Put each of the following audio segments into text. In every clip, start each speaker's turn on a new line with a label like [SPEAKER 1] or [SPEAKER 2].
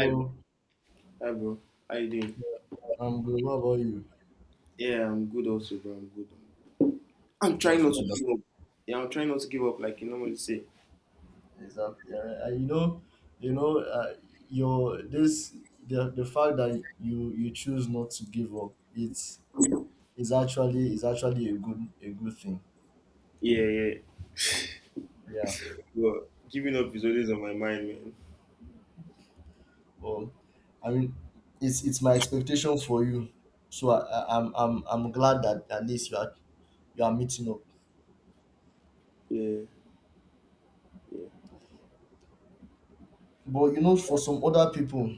[SPEAKER 1] Hi, bro. Hi, bro. How you doing?
[SPEAKER 2] I'm good. What about you?
[SPEAKER 1] Yeah, I'm good also, bro. I'm good. I'm trying
[SPEAKER 2] That's
[SPEAKER 1] not to give
[SPEAKER 2] wonderful.
[SPEAKER 1] up. Yeah, I'm trying not to give up, like you normally say.
[SPEAKER 2] Exactly. You know, uh, your this the fact that you choose not to give up. It's is actually a good thing.
[SPEAKER 1] Yeah, yeah.
[SPEAKER 2] Yeah.
[SPEAKER 1] But giving up is always on my mind, man.
[SPEAKER 2] Well, I mean, it's my expectation for you. So I I'm glad that at least you are meeting up.
[SPEAKER 1] Yeah, yeah.
[SPEAKER 2] But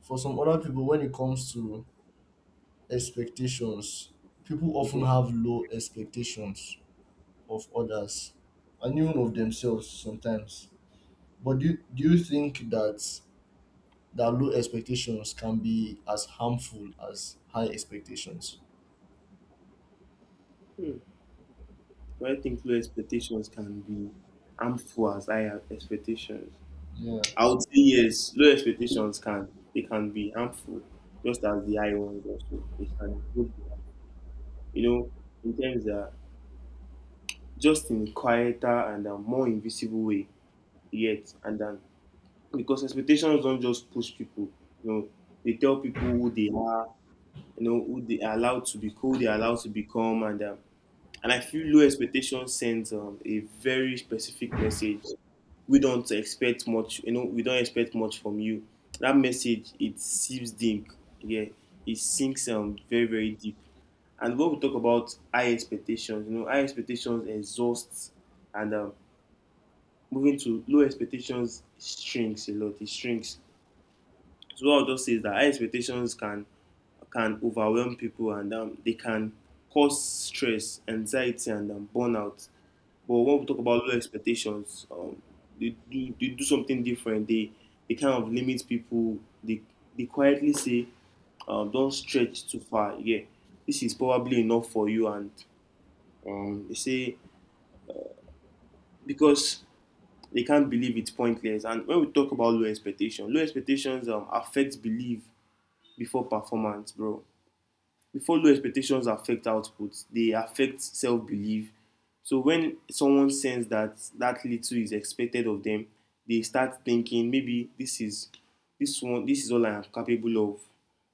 [SPEAKER 2] for some other people, when it comes to expectations. People often
[SPEAKER 1] Okay.
[SPEAKER 2] have low expectations of others and even of themselves sometimes. But do you think that low expectations can be as harmful as high expectations?
[SPEAKER 1] Do I think low expectations can be harmful as I have expectations?
[SPEAKER 2] Yeah.
[SPEAKER 1] I would say yes. Low expectations can be harmful, just as the high ones also. They can both be harmful. You know, in terms that just in a quieter and a more invisible way yet, and then because expectations don't just push people, you know, they tell people who they are, you know, who they are allowed to be, who they are allowed to become, and and I feel low expectation sends a very specific message. We don't expect much, you know, we don't expect much from you. That message, it seeps deep. Yeah, it sinks very, very deep. And when we talk about high expectations, you know, high expectations exhaust, and moving to low expectations shrinks a lot. It shrinks. So what I'll just say is that high expectations can overwhelm people, and they can cause stress, anxiety, and burnout. But when we talk about low expectations, they do, they do something different. They kind of limit people. They quietly say, don't stretch too far. Yeah, this is probably enough for you. And they say, because they can't believe, it's pointless. And when we talk about low expectations affect belief before performance, bro. Before, low expectations affect output, they affect self-belief. So when someone sense that that little is expected of them, they start thinking, maybe this is, this one, this is all I am capable of.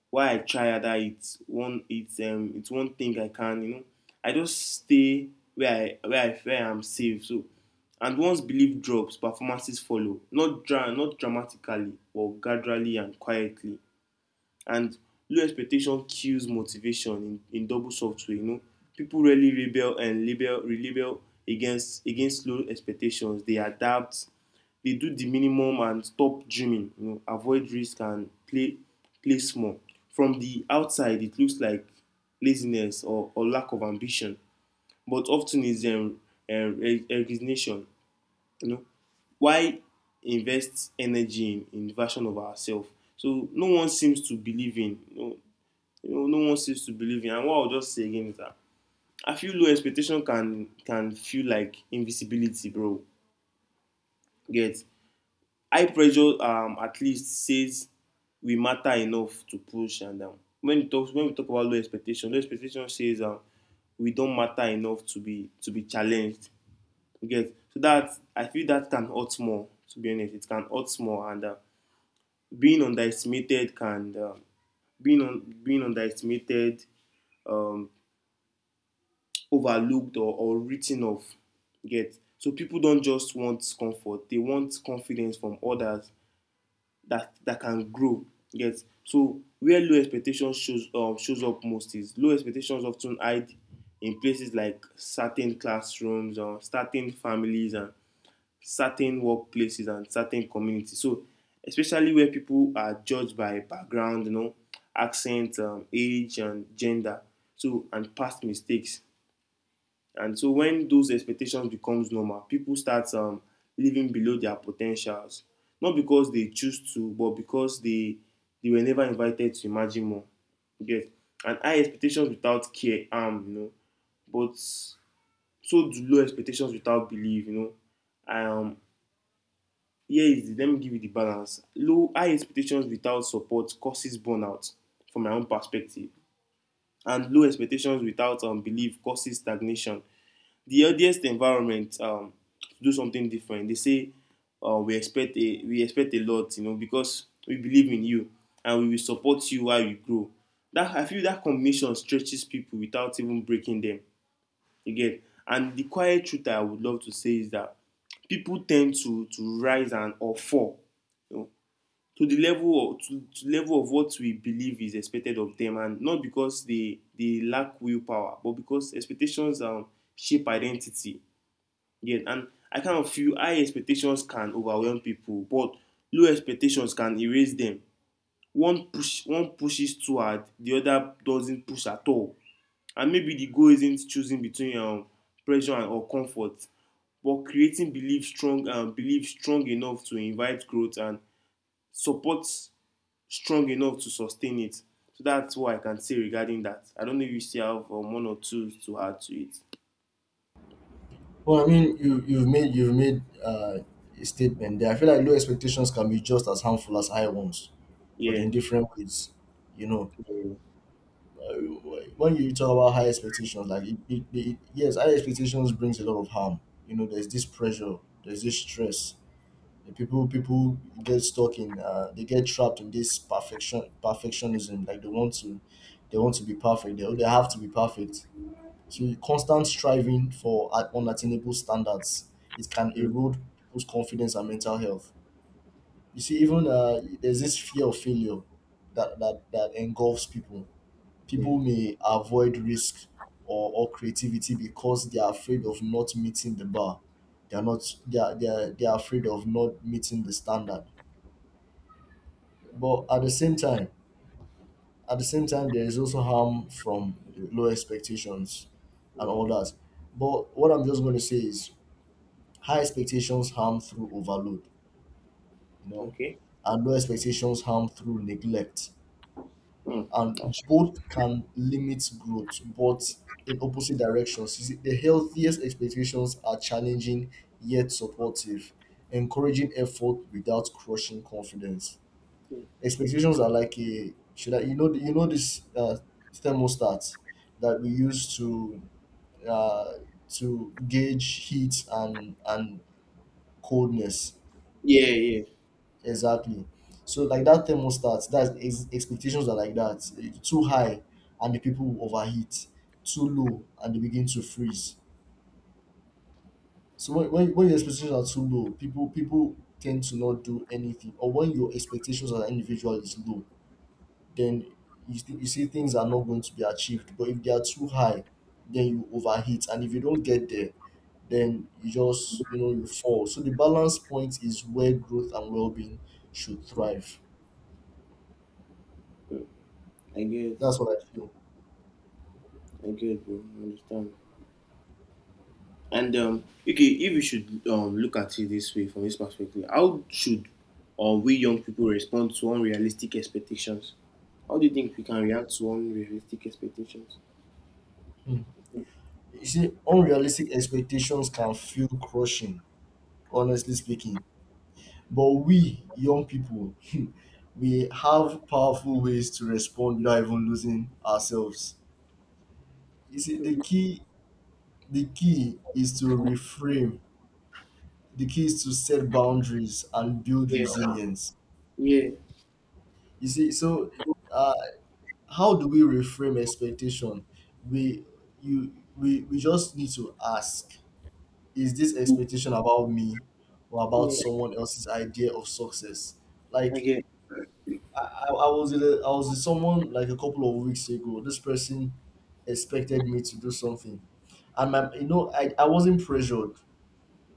[SPEAKER 1] Why I try that? It's one, it's one thing I can, you know, I just stay where I am safe. So, and once belief drops, performances follow, not dra not dramatically but gradually and quietly. And low expectation kills motivation in double software. You know, people really rebel, against against low expectations. They adapt, they do the minimum and stop dreaming. You know, avoid risk and play small. From the outside, it looks like laziness or lack of ambition, but often it's uh, resignation. You know, why invest energy in the version of ourselves? So no one seems to believe in. You know, no one seems to believe in. And what I'll just say again is that I feel low expectation can feel like invisibility, bro. Get high pressure. At least says we matter enough to push, and when we talk, when we talk about low expectation says we don't matter enough to be, to be challenged. You get, so that I feel that can hurt more. To be honest, it can hurt more, and being underestimated can being on being underestimated, um, overlooked or written off. You get, so people don't just want comfort; they want confidence from others that that can grow. You get, so where low expectations shows shows up most is, low expectations often hide in places like certain classrooms or certain families and certain workplaces and certain communities. So, especially where people are judged by background, you know, accent, age, and gender. So, and past mistakes. And so, when those expectations becomes normal, people start living below their potentials. Not because they choose to, but because they were never invited to imagine more. Yes. And high expectations without care, you know. But so do low expectations without belief, you know. Um, Here is the, let me give you the balance. Low, high expectations without support causes burnout, from my own perspective, and low expectations without belief causes stagnation. The healthiest environment, to do something different. They say, we expect a, we expect a lot, you know, because we believe in you and we will support you while you grow. That I feel that combination stretches people without even breaking them. You get, and the quiet truth I would love to say is that people tend to rise and or fall, you know, to the level of to the level of what we believe is expected of them, and not because they lack willpower but because expectations shape identity. Yet, and I kind of feel high expectations can overwhelm people but low expectations can erase them. One push, one pushes too hard, the other doesn't push at all. And maybe the goal isn't choosing between, pressure and, or comfort, but creating belief strong, belief strong enough to invite growth and support strong enough to sustain it. So that's what I can say regarding that. I don't know if you still have one or two to add to it.
[SPEAKER 2] Well, I mean, you've made a statement there. I feel like low expectations can be just as harmful as high ones, but
[SPEAKER 1] Yeah,
[SPEAKER 2] in different ways. You know,
[SPEAKER 1] yeah.
[SPEAKER 2] When you talk about high expectations, like yes, high expectations brings a lot of harm. You know, there's this pressure, there's this stress. The people they get trapped in this perfectionism. Like they want to be perfect. They have to be perfect. So constant striving for unattainable standards, it can
[SPEAKER 1] Mm.
[SPEAKER 2] erode people's confidence and mental health. You see, even there's this fear of failure that engulfs people.
[SPEAKER 1] Yeah.
[SPEAKER 2] People may avoid risk, or creativity, because they are afraid of not meeting the bar. They are not, they are afraid of not meeting the standard. But at the same time, there is also harm from low expectations and
[SPEAKER 1] Mm.
[SPEAKER 2] all that. But what I'm just going to say is, high expectations harm through overload, you know,
[SPEAKER 1] Okay.
[SPEAKER 2] and low expectations harm through neglect.
[SPEAKER 1] Mm.
[SPEAKER 2] And both can limit growth, but in opposite directions. You see, the healthiest expectations are challenging yet supportive, encouraging effort without crushing confidence. Expectations are like a should I you know this thermostat that we use to uh, gauge heat and coldness.
[SPEAKER 1] Yeah, yeah.
[SPEAKER 2] Exactly. So like that thermostat, expectations are like that. Too high and the people will overheat. Too low and they begin to freeze. So when your expectations are too low, people tend to not do anything. Or when your expectations as an individual is low, then you see things are not going to be achieved. But if they are too high, then you overheat. And if you don't get there, then you just you fall. So the balance point is where growth and well being should thrive.
[SPEAKER 1] I get.
[SPEAKER 2] That's what I feel.
[SPEAKER 1] I get, bro. I understand. And okay, if you should look at it this way from this perspective, how should, we young people respond to unrealistic expectations? How do you think we can react to unrealistic expectations?
[SPEAKER 2] Mm. You see, unrealistic expectations can feel crushing, honestly speaking. But we, young people, we have powerful ways to respond without even losing ourselves. You see, the key is to reframe. The key is to set boundaries and build
[SPEAKER 1] Yeah,
[SPEAKER 2] resilience.
[SPEAKER 1] yeah,
[SPEAKER 2] You see, so uh, how do we reframe expectation? We we just need to ask, is this expectation about me or about
[SPEAKER 1] yeah,
[SPEAKER 2] someone else's idea of success?
[SPEAKER 1] I
[SPEAKER 2] Like
[SPEAKER 1] get.
[SPEAKER 2] I was with someone like a couple of weeks ago. This person expected me to do something, and I wasn't pressured.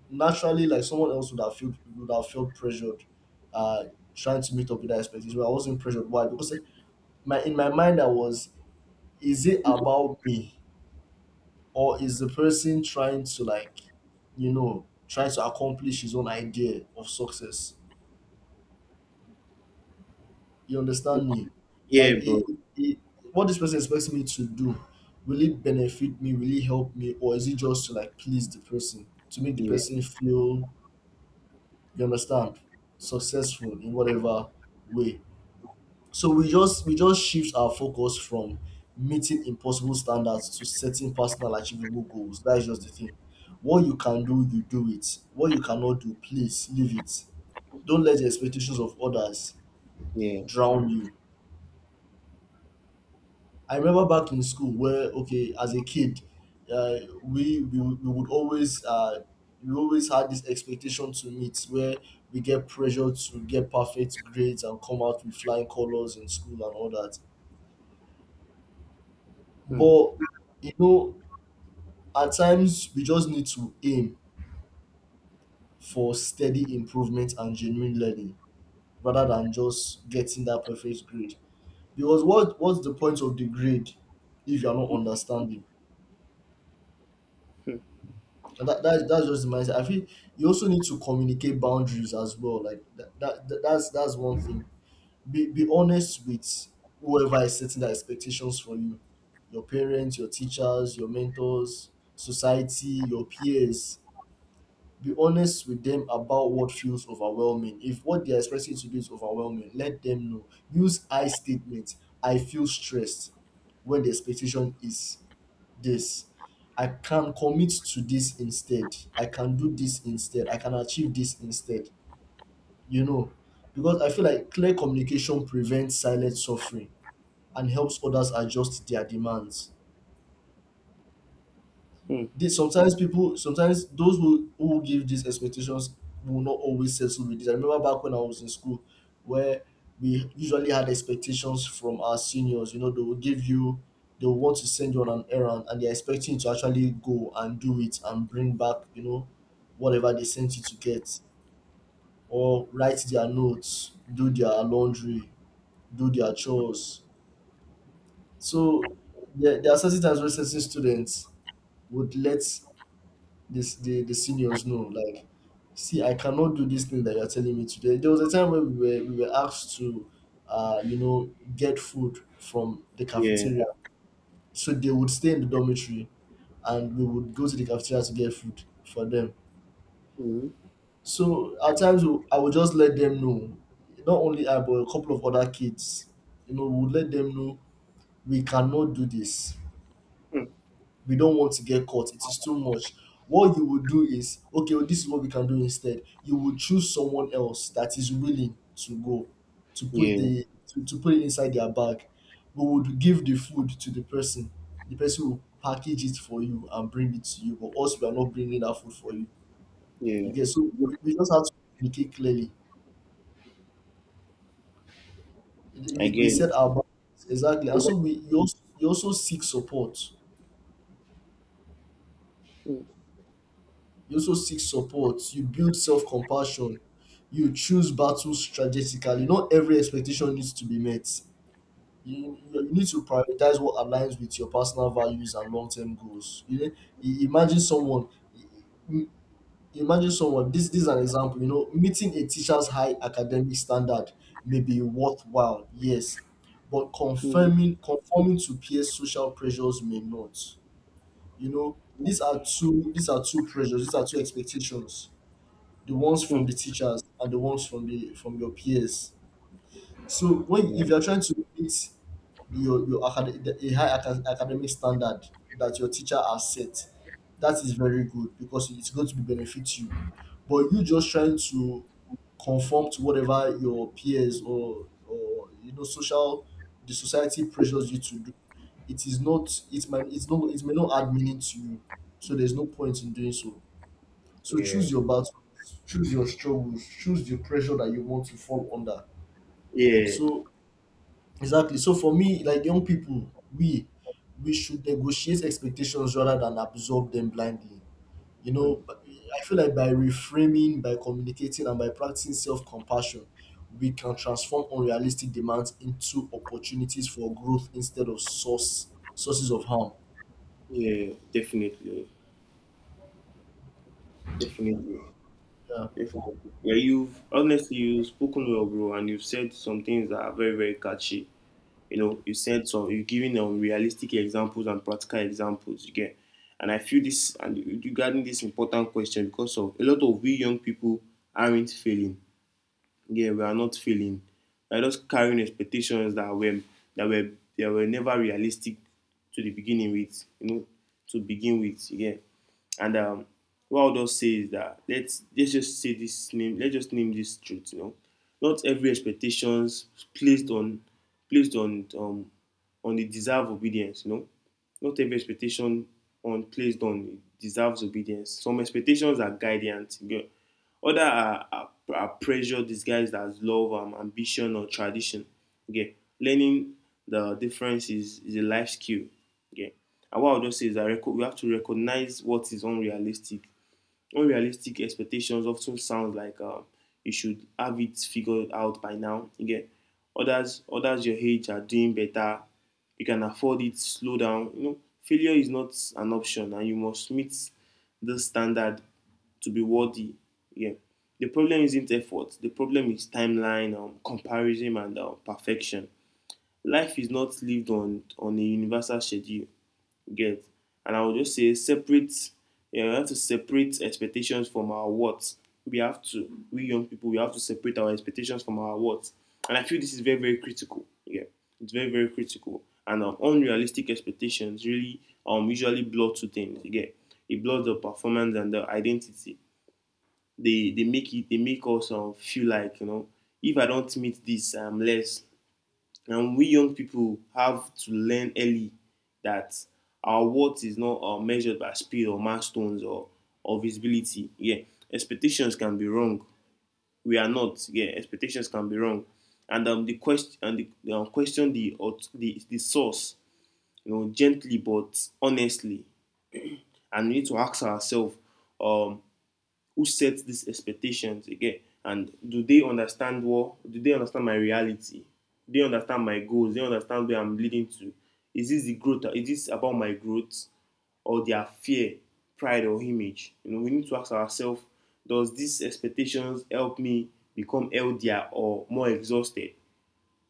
[SPEAKER 2] Naturally, like someone else would have felt pressured, uh, trying to meet up with that expectation. But I wasn't pressured. Why? Because my in my mind I was, is it about me? Or is the person trying to, like, trying to accomplish his own idea of success? You understand me?
[SPEAKER 1] Yeah,
[SPEAKER 2] Like
[SPEAKER 1] bro.
[SPEAKER 2] what this person expects me to do, will it benefit me? Will it help me? Or is it just to, like, please the person to make the
[SPEAKER 1] Yeah,
[SPEAKER 2] person feel, you understand, successful in whatever way? So we just shift our focus from meeting impossible standards to setting personal achievable goals. That is just the thing. What you can do, you do it. What you cannot do, please leave it. Don't let the expectations of others
[SPEAKER 1] yeah.
[SPEAKER 2] drown you. I remember back in school where, okay, as a kid, uh, we, we we would always uh, we always had this expectation to meet, where we get pressure to get perfect grades and come out with flying colors in school and all that.
[SPEAKER 1] Hmm.
[SPEAKER 2] But you know at times, we just need to aim for steady improvement and genuine learning rather than just getting that perfect grade. Because what's the point of the grade if you're not understanding? And that's just the mindset. I feel you also need to communicate boundaries as well. That's one thing. Be honest with whoever is setting the expectations for you. Your parents, your teachers, your mentors, society, your peers. Be honest with them about what feels overwhelming. If what they're expecting you to do is overwhelming, let them know. Use I statements. I feel stressed when the expectation is this. I can commit to this instead. I can do this instead. I can achieve this instead. You know, because I feel like clear communication prevents silent suffering and helps others adjust their demands.
[SPEAKER 1] Hmm.
[SPEAKER 2] This sometimes people sometimes those who give these expectations will not always settle with this. I remember back when I was in school where we usually had expectations from our seniors. You know, they will want to send you on an errand, and they're expecting you to actually go and do it and bring back, you know, whatever they sent you to get. Or write their notes, do their laundry, do their chores. So there are certain times where certain students would let the seniors know, like, "See, I cannot do this thing that you're telling me." Today there was a time when we were asked to get food from the
[SPEAKER 1] Yeah.
[SPEAKER 2] cafeteria. So they would stay in the dormitory, and we would go to the cafeteria to get food for them.
[SPEAKER 1] Hmm.
[SPEAKER 2] So at times, I would just let them know — not only I, but a couple of other kids, would let them know — we cannot do this.
[SPEAKER 1] Hmm.
[SPEAKER 2] We don't want to get caught. It is too much. What you would do is, okay, well, this is what we can do instead. You would choose someone else that is willing to go to put
[SPEAKER 1] Yeah.
[SPEAKER 2] the to, to put it inside their bag. We would give the food to the person. The person will package it for you and bring it to you, but us, we are not bringing that food for you. You
[SPEAKER 1] Yeah.
[SPEAKER 2] get? So we just have to communicate clearly.
[SPEAKER 1] I
[SPEAKER 2] We
[SPEAKER 1] get. It.
[SPEAKER 2] set our boundaries exactly. And so we you also seek support.
[SPEAKER 1] Hmm.
[SPEAKER 2] You also seek support. You build self compassion. You choose battles strategically. Not every expectation needs to be met. You need to prioritize what aligns with your personal values and long term goals. You know, imagine someone. i- Imagine someone. This is an example. You know, meeting a teacher's high academic standard may be worthwhile. Yes, but
[SPEAKER 1] Hmm.
[SPEAKER 2] confirming conforming to peer social pressures may not. You know, these are two pressures, these are two expectations: the ones from
[SPEAKER 1] Hmm.
[SPEAKER 2] the teachers and the ones from the from your peers. So when,
[SPEAKER 1] Yeah,
[SPEAKER 2] if you're trying to meet a high academic standard that your teacher has set, that is very good because it's going to benefit you. But you just trying to conform to whatever your peers or you know social the society pressures you to do, it is not, it might, it's not, it may not add meaning to you. So there's no point in doing so. So
[SPEAKER 1] yeah,
[SPEAKER 2] choose your battles, choose your struggles, choose the pressure that you want to fall under.
[SPEAKER 1] yeah.
[SPEAKER 2] So exactly. So for me, like young people, we should negotiate expectations rather than absorb them blindly. You
[SPEAKER 1] Hmm.
[SPEAKER 2] know, but I feel like by reframing, by communicating, and by practicing self-compassion, we can transform unrealistic demands into opportunities for growth instead of sources of harm.
[SPEAKER 1] Yeah. Definitely, definitely.
[SPEAKER 2] Yeah.
[SPEAKER 1] If I, yeah, you've honestly, you've spoken well, bro, and you've said some things that are very, very catchy. You know, you said some, you've given realistic examples and practical examples. You get, and I feel this and regarding this important question, because of a lot of we young people aren't failing. Yeah, we are not failing. We are just carrying expectations that were, that were that were never realistic to the beginning with, you know, to begin with. Yeah. And what I'll just say is that let's just say this name, let's just name this truth, you know. Not every expectations placed on, placed on um on the deserve obedience, you know. Not every expectation on placed on deserves obedience. Some expectations are guidance. You get. Others are pressure disguised as love, ambition, or tradition. Okay, learning the difference is a life skill. Okay, and what I'll just say is that we have to recognize what is unrealistic. Unrealistic expectations often sound like, you should have it figured out by now. You, others, others your age are doing better. You can afford it. Slow down. You know, failure is not an option, and you must meet the standard to be worthy. Yeah. The problem isn't effort. The problem is timeline, comparison, and perfection. Life is not lived on a universal schedule. Get? And I would just say separate, you know, we have to separate expectations from our what. We have to, we young people, we have to separate our expectations from our what. And I feel this is very, very critical. Yeah, it's very, very critical. And unrealistic expectations really usually blur two things. Yeah, it blurs the performance and the identity. They make it, they make us feel like, you know, if I don't meet this, I'm less. And we young people have to learn early that our worth is not measured by speed or milestones or visibility. Yeah, expectations can be wrong. We are not. Yeah, expectations can be wrong, and the question and the, question the, the source. You know, gently but honestly, and we need to ask ourselves, um, who sets these expectations again, and do they understand, what do they understand, my reality? Do they understand my goals? Do they understand where I'm leading to? Is this the growth, is this about my growth, or their fear, pride, or image? You know, we need to ask ourselves, does these expectations help me become healthier or more exhausted?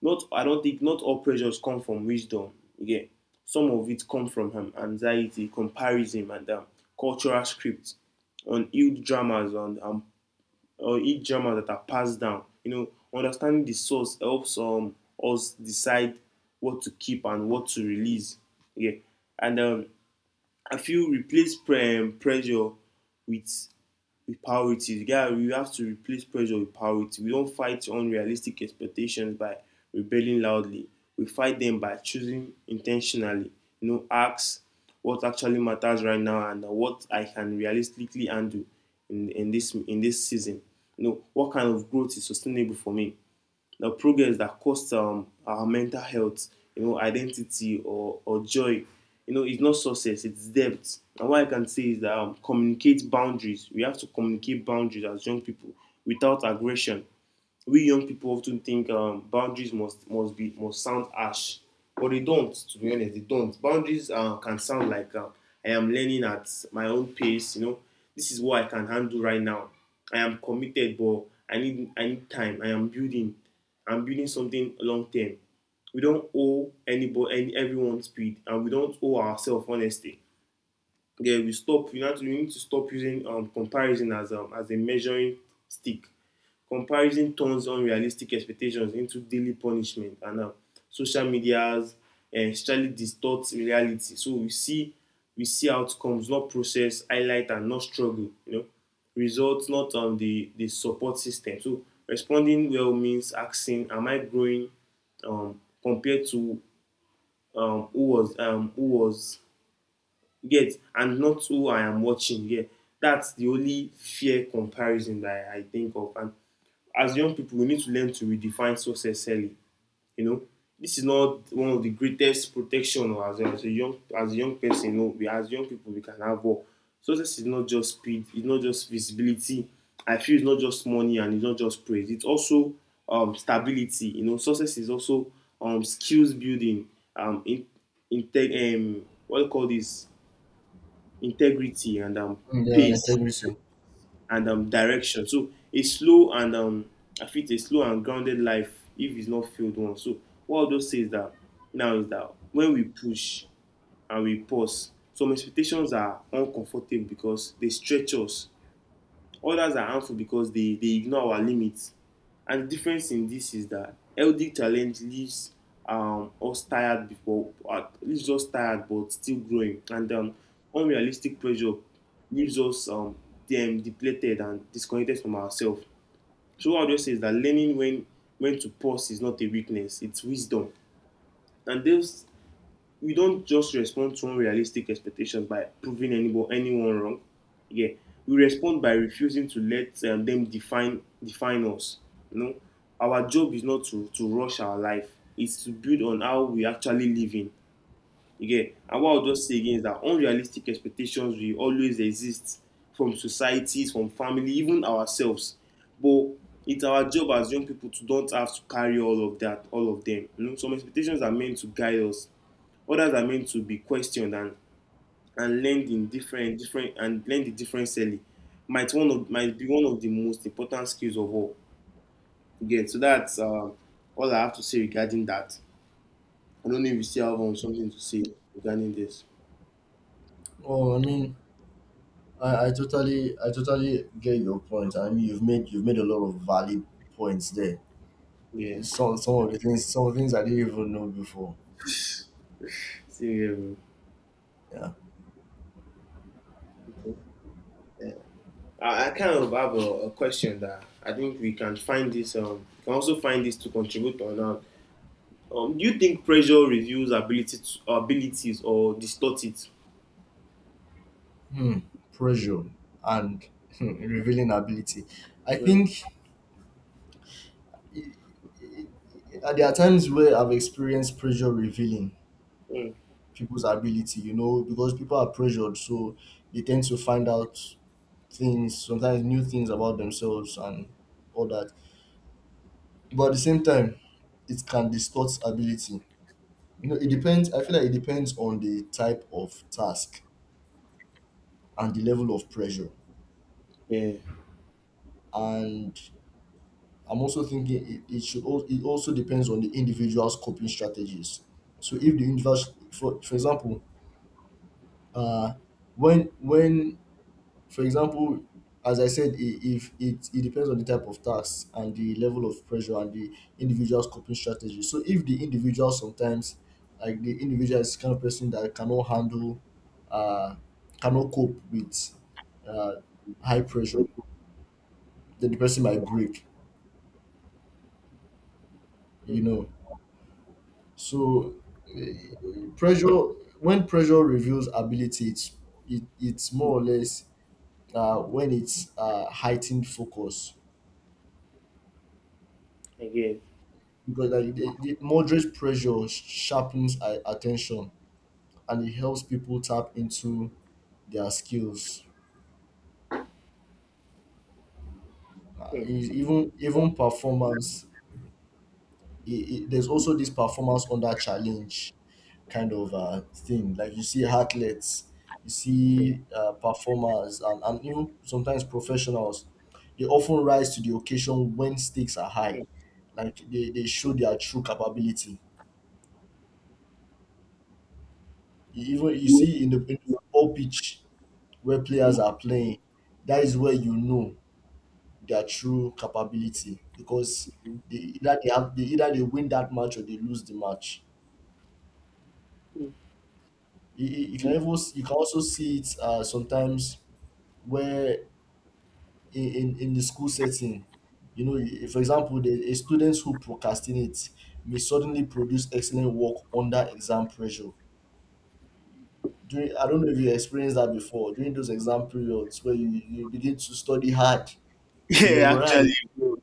[SPEAKER 1] Not, I don't think, not all pressures come from wisdom. Again, some of it come from anxiety, comparison, and cultural scripts on old dramas and or ill dramas that are passed down. You know, understanding the source helps us decide what to keep and what to release. Yeah, and I feel, replace pressure with with priorities. You got, we have to replace pressure with priority. We don't fight unrealistic expectations by rebelling loudly. We fight them by choosing intentionally. You know, ask what actually matters right now and what I can realistically handle in this, in this season. You know, what kind of growth is sustainable for me? The progress that costs our mental health, you know, identity, or joy. You know, it's not success, it's debt. And what I can say is that communicate boundaries. We have to communicate boundaries as young people without aggression. We young people often think boundaries must sound harsh, but they don't. To be honest, they don't. Boundaries can sound like I am learning at my own pace. You know, this is what I can handle right now. I am committed, but I need time. I am building. I'm building something long term. We don't owe anybody, any, everyone speed, and we don't owe ourselves honesty. Yeah, we stop. You know, we need to stop using comparison as a measuring stick. Comparison turns unrealistic expectations into daily punishment, and social media's strategy distorts reality. So we see outcomes, not process, highlight, and not struggle. You know, results, not the support system. So responding well means asking, "Am I growing?" Compared to who was you get and not who I am watching. Yeah, that's the only fair comparison that I think of. And as young people we need to learn to redefine success early. You know, this is not one of the greatest protection or as a young person. You know, we as young people we can have all. Success is not just speed, it's not just visibility, I feel it's not just money, and it's not just praise. It's also stability. You know, success is also skills building, in integ what do you call this integrity and
[SPEAKER 2] Yeah,
[SPEAKER 1] pace,
[SPEAKER 2] integrity.
[SPEAKER 1] and direction. So a slow and I feel a slow and grounded life, if it's not failed one. So what Aldo says that now is that when we push and we pause, some expectations are uncomfortable because they stretch us. Others are harmful because they ignore our limits. And the difference in this is that healthy challenge leaves leaves us tired but still growing. And unrealistic pressure leaves us dem depleted and disconnected from ourselves. So what I'll just say is that learning when to pause is not a weakness, it's wisdom. And those, you don't just respond to unrealistic expectations by proving anyone wrong. Yeah, we respond by refusing to let them define us. You know, our job is not to rush our life; it's to build on how we actually live in. Again, and what I'll just say again is that unrealistic expectations will always exist from societies, from family, even ourselves. But it's our job as young people to don't have to carry all of that, all of them. You know, some expectations are meant to guide us. Others are meant to be questioned and learned in different different and learned it differently. Might be one of the most important skills of all. Again, so that's all I have to say regarding that. I don't know if you still have something to say regarding this.
[SPEAKER 2] Oh, I mean, I totally get your point. I mean, you've made a lot of valid points there.
[SPEAKER 1] Yeah.
[SPEAKER 2] Some of the things some of the things I didn't even know before.
[SPEAKER 1] See, here.
[SPEAKER 2] Yeah.
[SPEAKER 1] Okay. Yeah. I kind of have a question that I think we can find this. We can also find this to contribute on. Do you think pressure reveals ability to, abilities or distort it?
[SPEAKER 2] Hmm. Pressure and revealing ability. I
[SPEAKER 1] Mm,
[SPEAKER 2] think i- there are times where I've experienced pressure revealing
[SPEAKER 1] mm,
[SPEAKER 2] people's ability, you know, because people are pressured, so they tend to find out things, sometimes new things about themselves and all that. But at the same time, it can distort ability. You know, it
[SPEAKER 1] mm.
[SPEAKER 2] depends. I feel like it depends on the type of task and the level of pressure.
[SPEAKER 1] Yeah.
[SPEAKER 2] And I'm also thinking it should also, it also depends on the individual's coping strategies. So if the individual, for example, uh, when for example, as I said, if it depends on the type of tax and the level of pressure and the individual's coping strategy. So if the individual sometimes like the individual is kind of person that cannot handle uh cannot cope with uh high pressure, then the person might break, you
[SPEAKER 1] Mm.
[SPEAKER 2] know. So eh, pressure when pressure reveals ability it's more or less when it's heightened focus,
[SPEAKER 1] Again.
[SPEAKER 2] because like the moderate pressure sharpens our attention and it helps people tap into their skills. Uh,
[SPEAKER 1] Mm,
[SPEAKER 2] e- even even performance, it there's also this performance under challenge kind of thing. Like you see athletes, you
[SPEAKER 1] mm,
[SPEAKER 2] see performers, and even sometimes professionals. They often rise to the occasion when stakes are high.
[SPEAKER 1] mm.
[SPEAKER 2] Like they show their true capability. You Even you see in in the football pitch, where players are playing, that is where you know their true capability because they either they win that match or they lose the match. You can even you can also see it sometimes where in the school setting, you know, for example, a student who procrastinates may suddenly produce excellent work under exam pressure. During, I don't know if you experienced that before. During those exam periods where you begin to study hard, you
[SPEAKER 1] Yeah,
[SPEAKER 2] memorize.
[SPEAKER 1] actually, bro.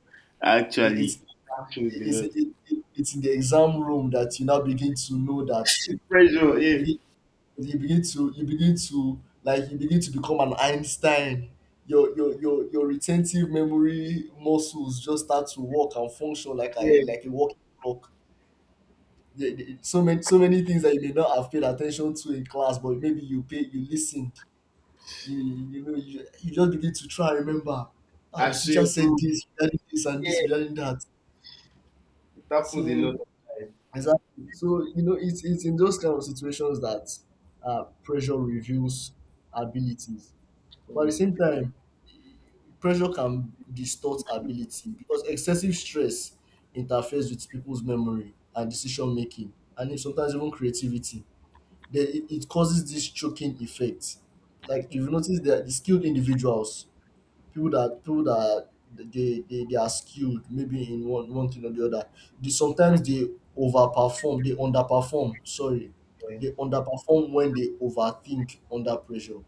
[SPEAKER 2] It,
[SPEAKER 1] Actually,
[SPEAKER 2] it's
[SPEAKER 1] that happens
[SPEAKER 2] it
[SPEAKER 1] a
[SPEAKER 2] is
[SPEAKER 1] lot.
[SPEAKER 2] it, it, It's in the exam room that you now begin to know that
[SPEAKER 1] Pressure,
[SPEAKER 2] you
[SPEAKER 1] yeah,
[SPEAKER 2] begin, you begin to like you begin to become an Einstein. Your retentive memory muscles just start to work and function
[SPEAKER 1] yeah.
[SPEAKER 2] like a working clock. So many things that you may not have paid attention to in class, but maybe you listened. You just begin to try and remember. Ah,
[SPEAKER 1] I
[SPEAKER 2] the
[SPEAKER 1] swear,
[SPEAKER 2] teacher said
[SPEAKER 1] bro.
[SPEAKER 2] this regarding this and
[SPEAKER 1] Yeah,
[SPEAKER 2] this regarding that.
[SPEAKER 1] it happens a lot
[SPEAKER 2] So
[SPEAKER 1] of time.
[SPEAKER 2] exactly. So you know, it's in those kind of situations that pressure reveals abilities, but at the same
[SPEAKER 1] Mm.
[SPEAKER 2] time, pressure can distort ability because excessive stress interferes with people's memory and decision making, and sometimes even creativity. Then it causes this choking effect. Like you've noticed that the skilled individuals, people that they are skilled maybe in one thing or the other, they sometimes they overperform they underperform, sorry, they underperform when they overthink under pressure.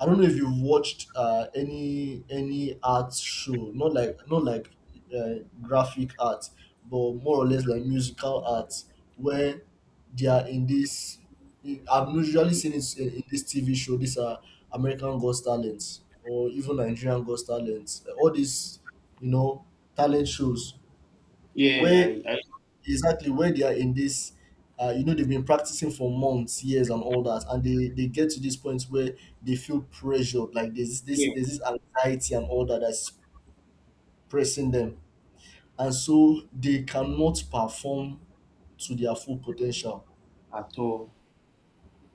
[SPEAKER 2] I don't know if you've watched any art show, not like uh, graphic art, but more or less like musical art, where they are in this. I've usually seen it in this TV show. These are American Got Talents or even Nigerian Got Talents. All these, you know, talent shows
[SPEAKER 1] Yeah, yeah,
[SPEAKER 2] where
[SPEAKER 1] I
[SPEAKER 2] exactly where they are in this you know they've been practicing for months, years, and all that, and they get to this point where they feel pressured, like
[SPEAKER 1] yeah,
[SPEAKER 2] there's this anxiety and all that that's pressing them, and so they cannot perform to their full potential.
[SPEAKER 1] at all.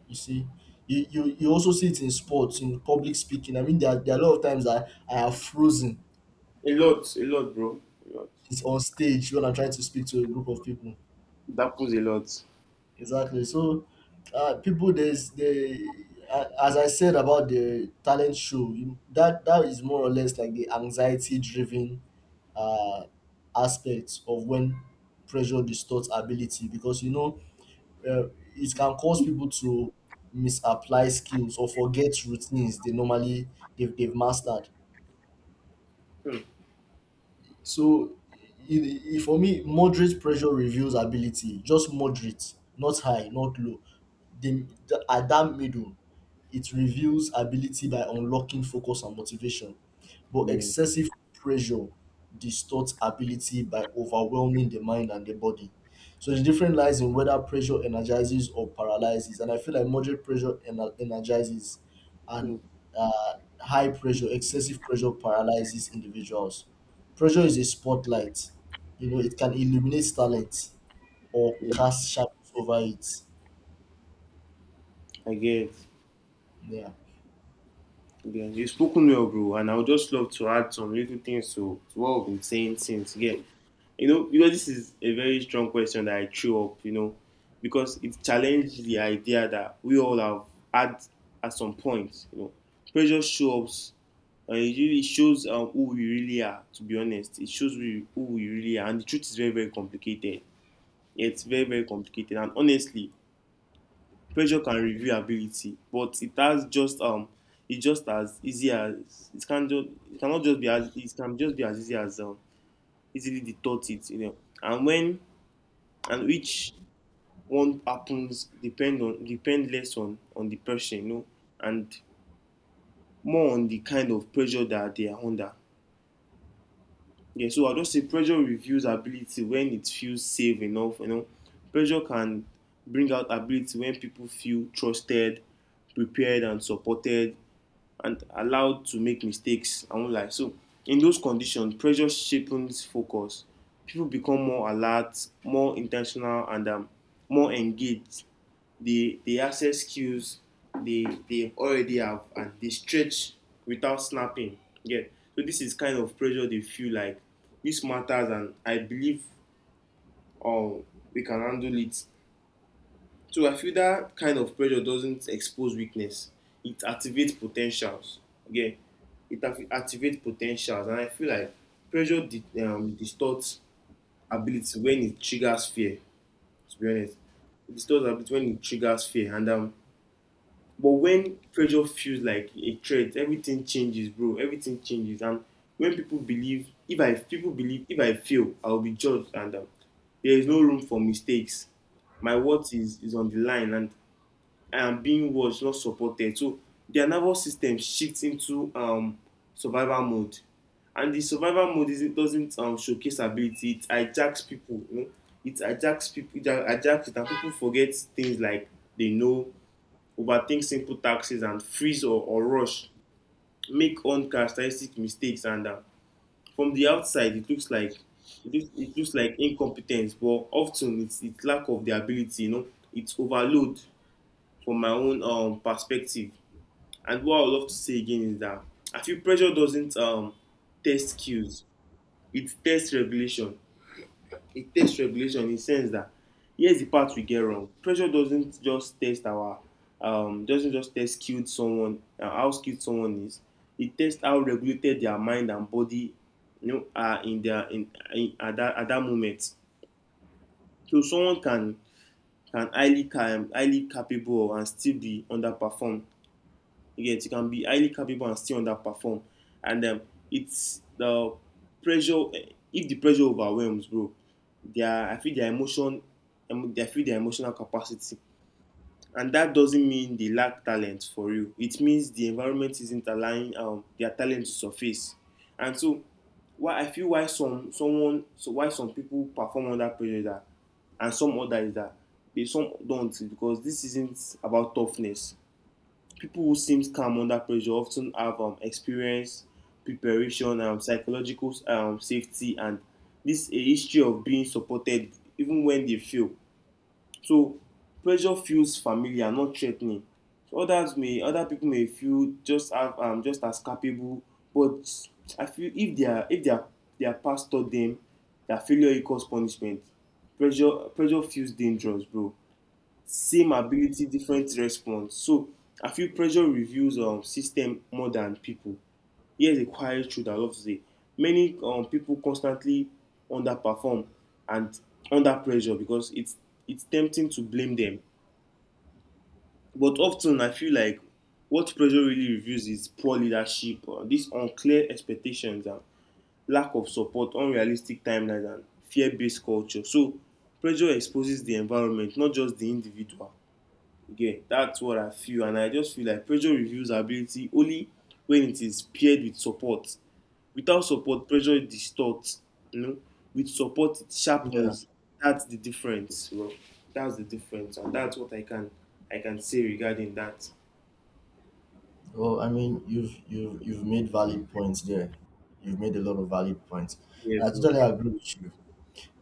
[SPEAKER 2] You see, you also see it in sports, in public speaking. I mean, there are a lot of times I have frozen.
[SPEAKER 1] A lot, bro. A lot.
[SPEAKER 2] It's on stage when I'm trying to speak to a group of people.
[SPEAKER 1] That happens a lot.
[SPEAKER 2] Exactly. So, people, there's the as I said about the talent show, that is more or less like the anxiety-driven uh, aspect of when pressure distorts ability because you know uh, it can cause people to misapply skills or forget routines they normally they've mastered.
[SPEAKER 1] Mm.
[SPEAKER 2] So it, it, for me, moderate pressure reveals ability. Just moderate, not high, not low. The At that middle, it reveals ability by unlocking focus and motivation. But
[SPEAKER 1] Yeah.
[SPEAKER 2] excessive pressure distorts ability by overwhelming the mind and the body. So the difference lies in whether pressure energizes or paralyzes. And I feel like moderate pressure energizes, and
[SPEAKER 1] Mm.
[SPEAKER 2] uh, high pressure, excessive pressure paralyzes individuals. Pressure is a spotlight. You know, it can illuminate talent or
[SPEAKER 1] Yeah.
[SPEAKER 2] cast shadows over it.
[SPEAKER 1] I get.
[SPEAKER 2] Yeah.
[SPEAKER 1] Yeah, you've spoken well, bro, and I would just love to add some little things to what I've been saying since. Yeah, you know, because this is a very strong question that I threw up, you know, because it challenged the idea that we all have had at some point. You know, pressure shows up, and it really shows who we really are. To be honest, it shows we, who we really are, and the truth is very, very complicated. Yeah, it's very, very complicated, and honestly, pressure can review ability, but it has just it just as easy as it can just it cannot just be as it can just be as easy as easily detorted, you know. And when, and which one happens depend on, depend less on the person, you know, and more on the kind of pressure that they are under. Yeah, so I just say pressure reveals ability when it feels safe enough. You know, pressure can bring out ability when people feel trusted, prepared, and supported, and allowed to make mistakes. I won't lie. So in those conditions, pressure sharpens focus. People become more alert, more intentional, and more engaged. They access skills they already have, and they stretch without snapping. Yeah. So this is kind of pressure they feel like this matters, and I believe um, we can handle it. So I feel that kind of pressure doesn't expose weakness. It activates potentials. Again, it activates potentials, and I feel like distorts ability when it triggers fear. To be honest, it distorts ability when it triggers fear, and but when pressure feels like a threat, everything changes, bro. Everything changes, and when people believe, if I people believe, if I fail, I will be judged, and there is no room for mistakes. My worth is on the line, and being was not supported. So their nervous system shifts into survival mode. And the survival mode is, it doesn't showcase ability, it hijacks people. You know? It hijacks people, it hijacks it, and people forget things like they know, overthink simple taxes, and freeze or rush, make uncharacteristic mistakes. And from the outside, it looks like incompetence, but often it's lack of the ability, you know, it's overload from my own perspective. And what I would love to say again is that I feel pressure doesn't test skills; it tests regulation. It tests regulation in the sense that here's the part we get wrong. Pressure doesn't just test our doesn't just test skilled someone how skilled someone is. It tests how regulated their mind and body you know are in in at that moment. So someone can highly capable and still be underperformed. You get you can be highly capable and still underperform, and it's the pressure. If the pressure overwhelms, bro, their I feel their emotion, I feel their emotional capacity, and that doesn't mean they lack talent for you. It means the environment isn't allowing their talent to surface, and so why I feel why some people perform under pressure that, and some others that they some don't, because this isn't about toughness. People who seem calm under pressure often have experience, preparation, psychological safety, and this a history of being supported even when they fail. So pressure feels familiar, not threatening. So others may other people may feel just have just as capable, but I feel if their past taught them that failure equals punishment, pressure feels dangerous, bro. Same ability, different response. So I feel pressure reviews system more than people. Here's a quiet truth I love to say: many people constantly underperform and under pressure because it's tempting to blame them, but often I feel like what pressure really reveals is poor leadership, these unclear expectations and lack of support, unrealistic timelines, and fear-based culture. So pressure exposes the environment, not just the individual. Yeah, that's what I feel, and I just feel like pressure reveals ability only when it is paired with support. Without support, pressure distorts. You know, with support, it
[SPEAKER 2] Yeah.
[SPEAKER 1] sharpens. That's the difference, bro. That's the difference, and that's what I can say regarding that.
[SPEAKER 2] Well, I mean, you've made valid points there. You've made a lot of valid points.
[SPEAKER 1] Yeah,
[SPEAKER 2] And I
[SPEAKER 1] bro.
[SPEAKER 2] totally agree with you.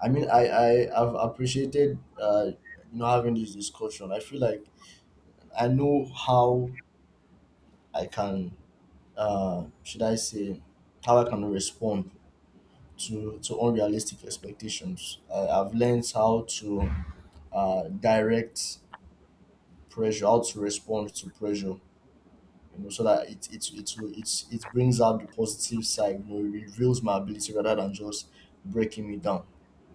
[SPEAKER 2] I mean, I have appreciated, you know, having this discussion. I feel like I know how I can, should I say how I can respond to unrealistic expectations. I've learned how to direct pressure, how to respond to pressure, you know, so that it will it it brings out the positive side, you know, it reveals my ability rather than just breaking me down.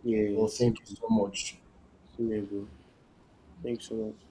[SPEAKER 1] Yeah,
[SPEAKER 2] Well,
[SPEAKER 1] same,
[SPEAKER 2] thank you so much.
[SPEAKER 1] same, bro. Thanks so much.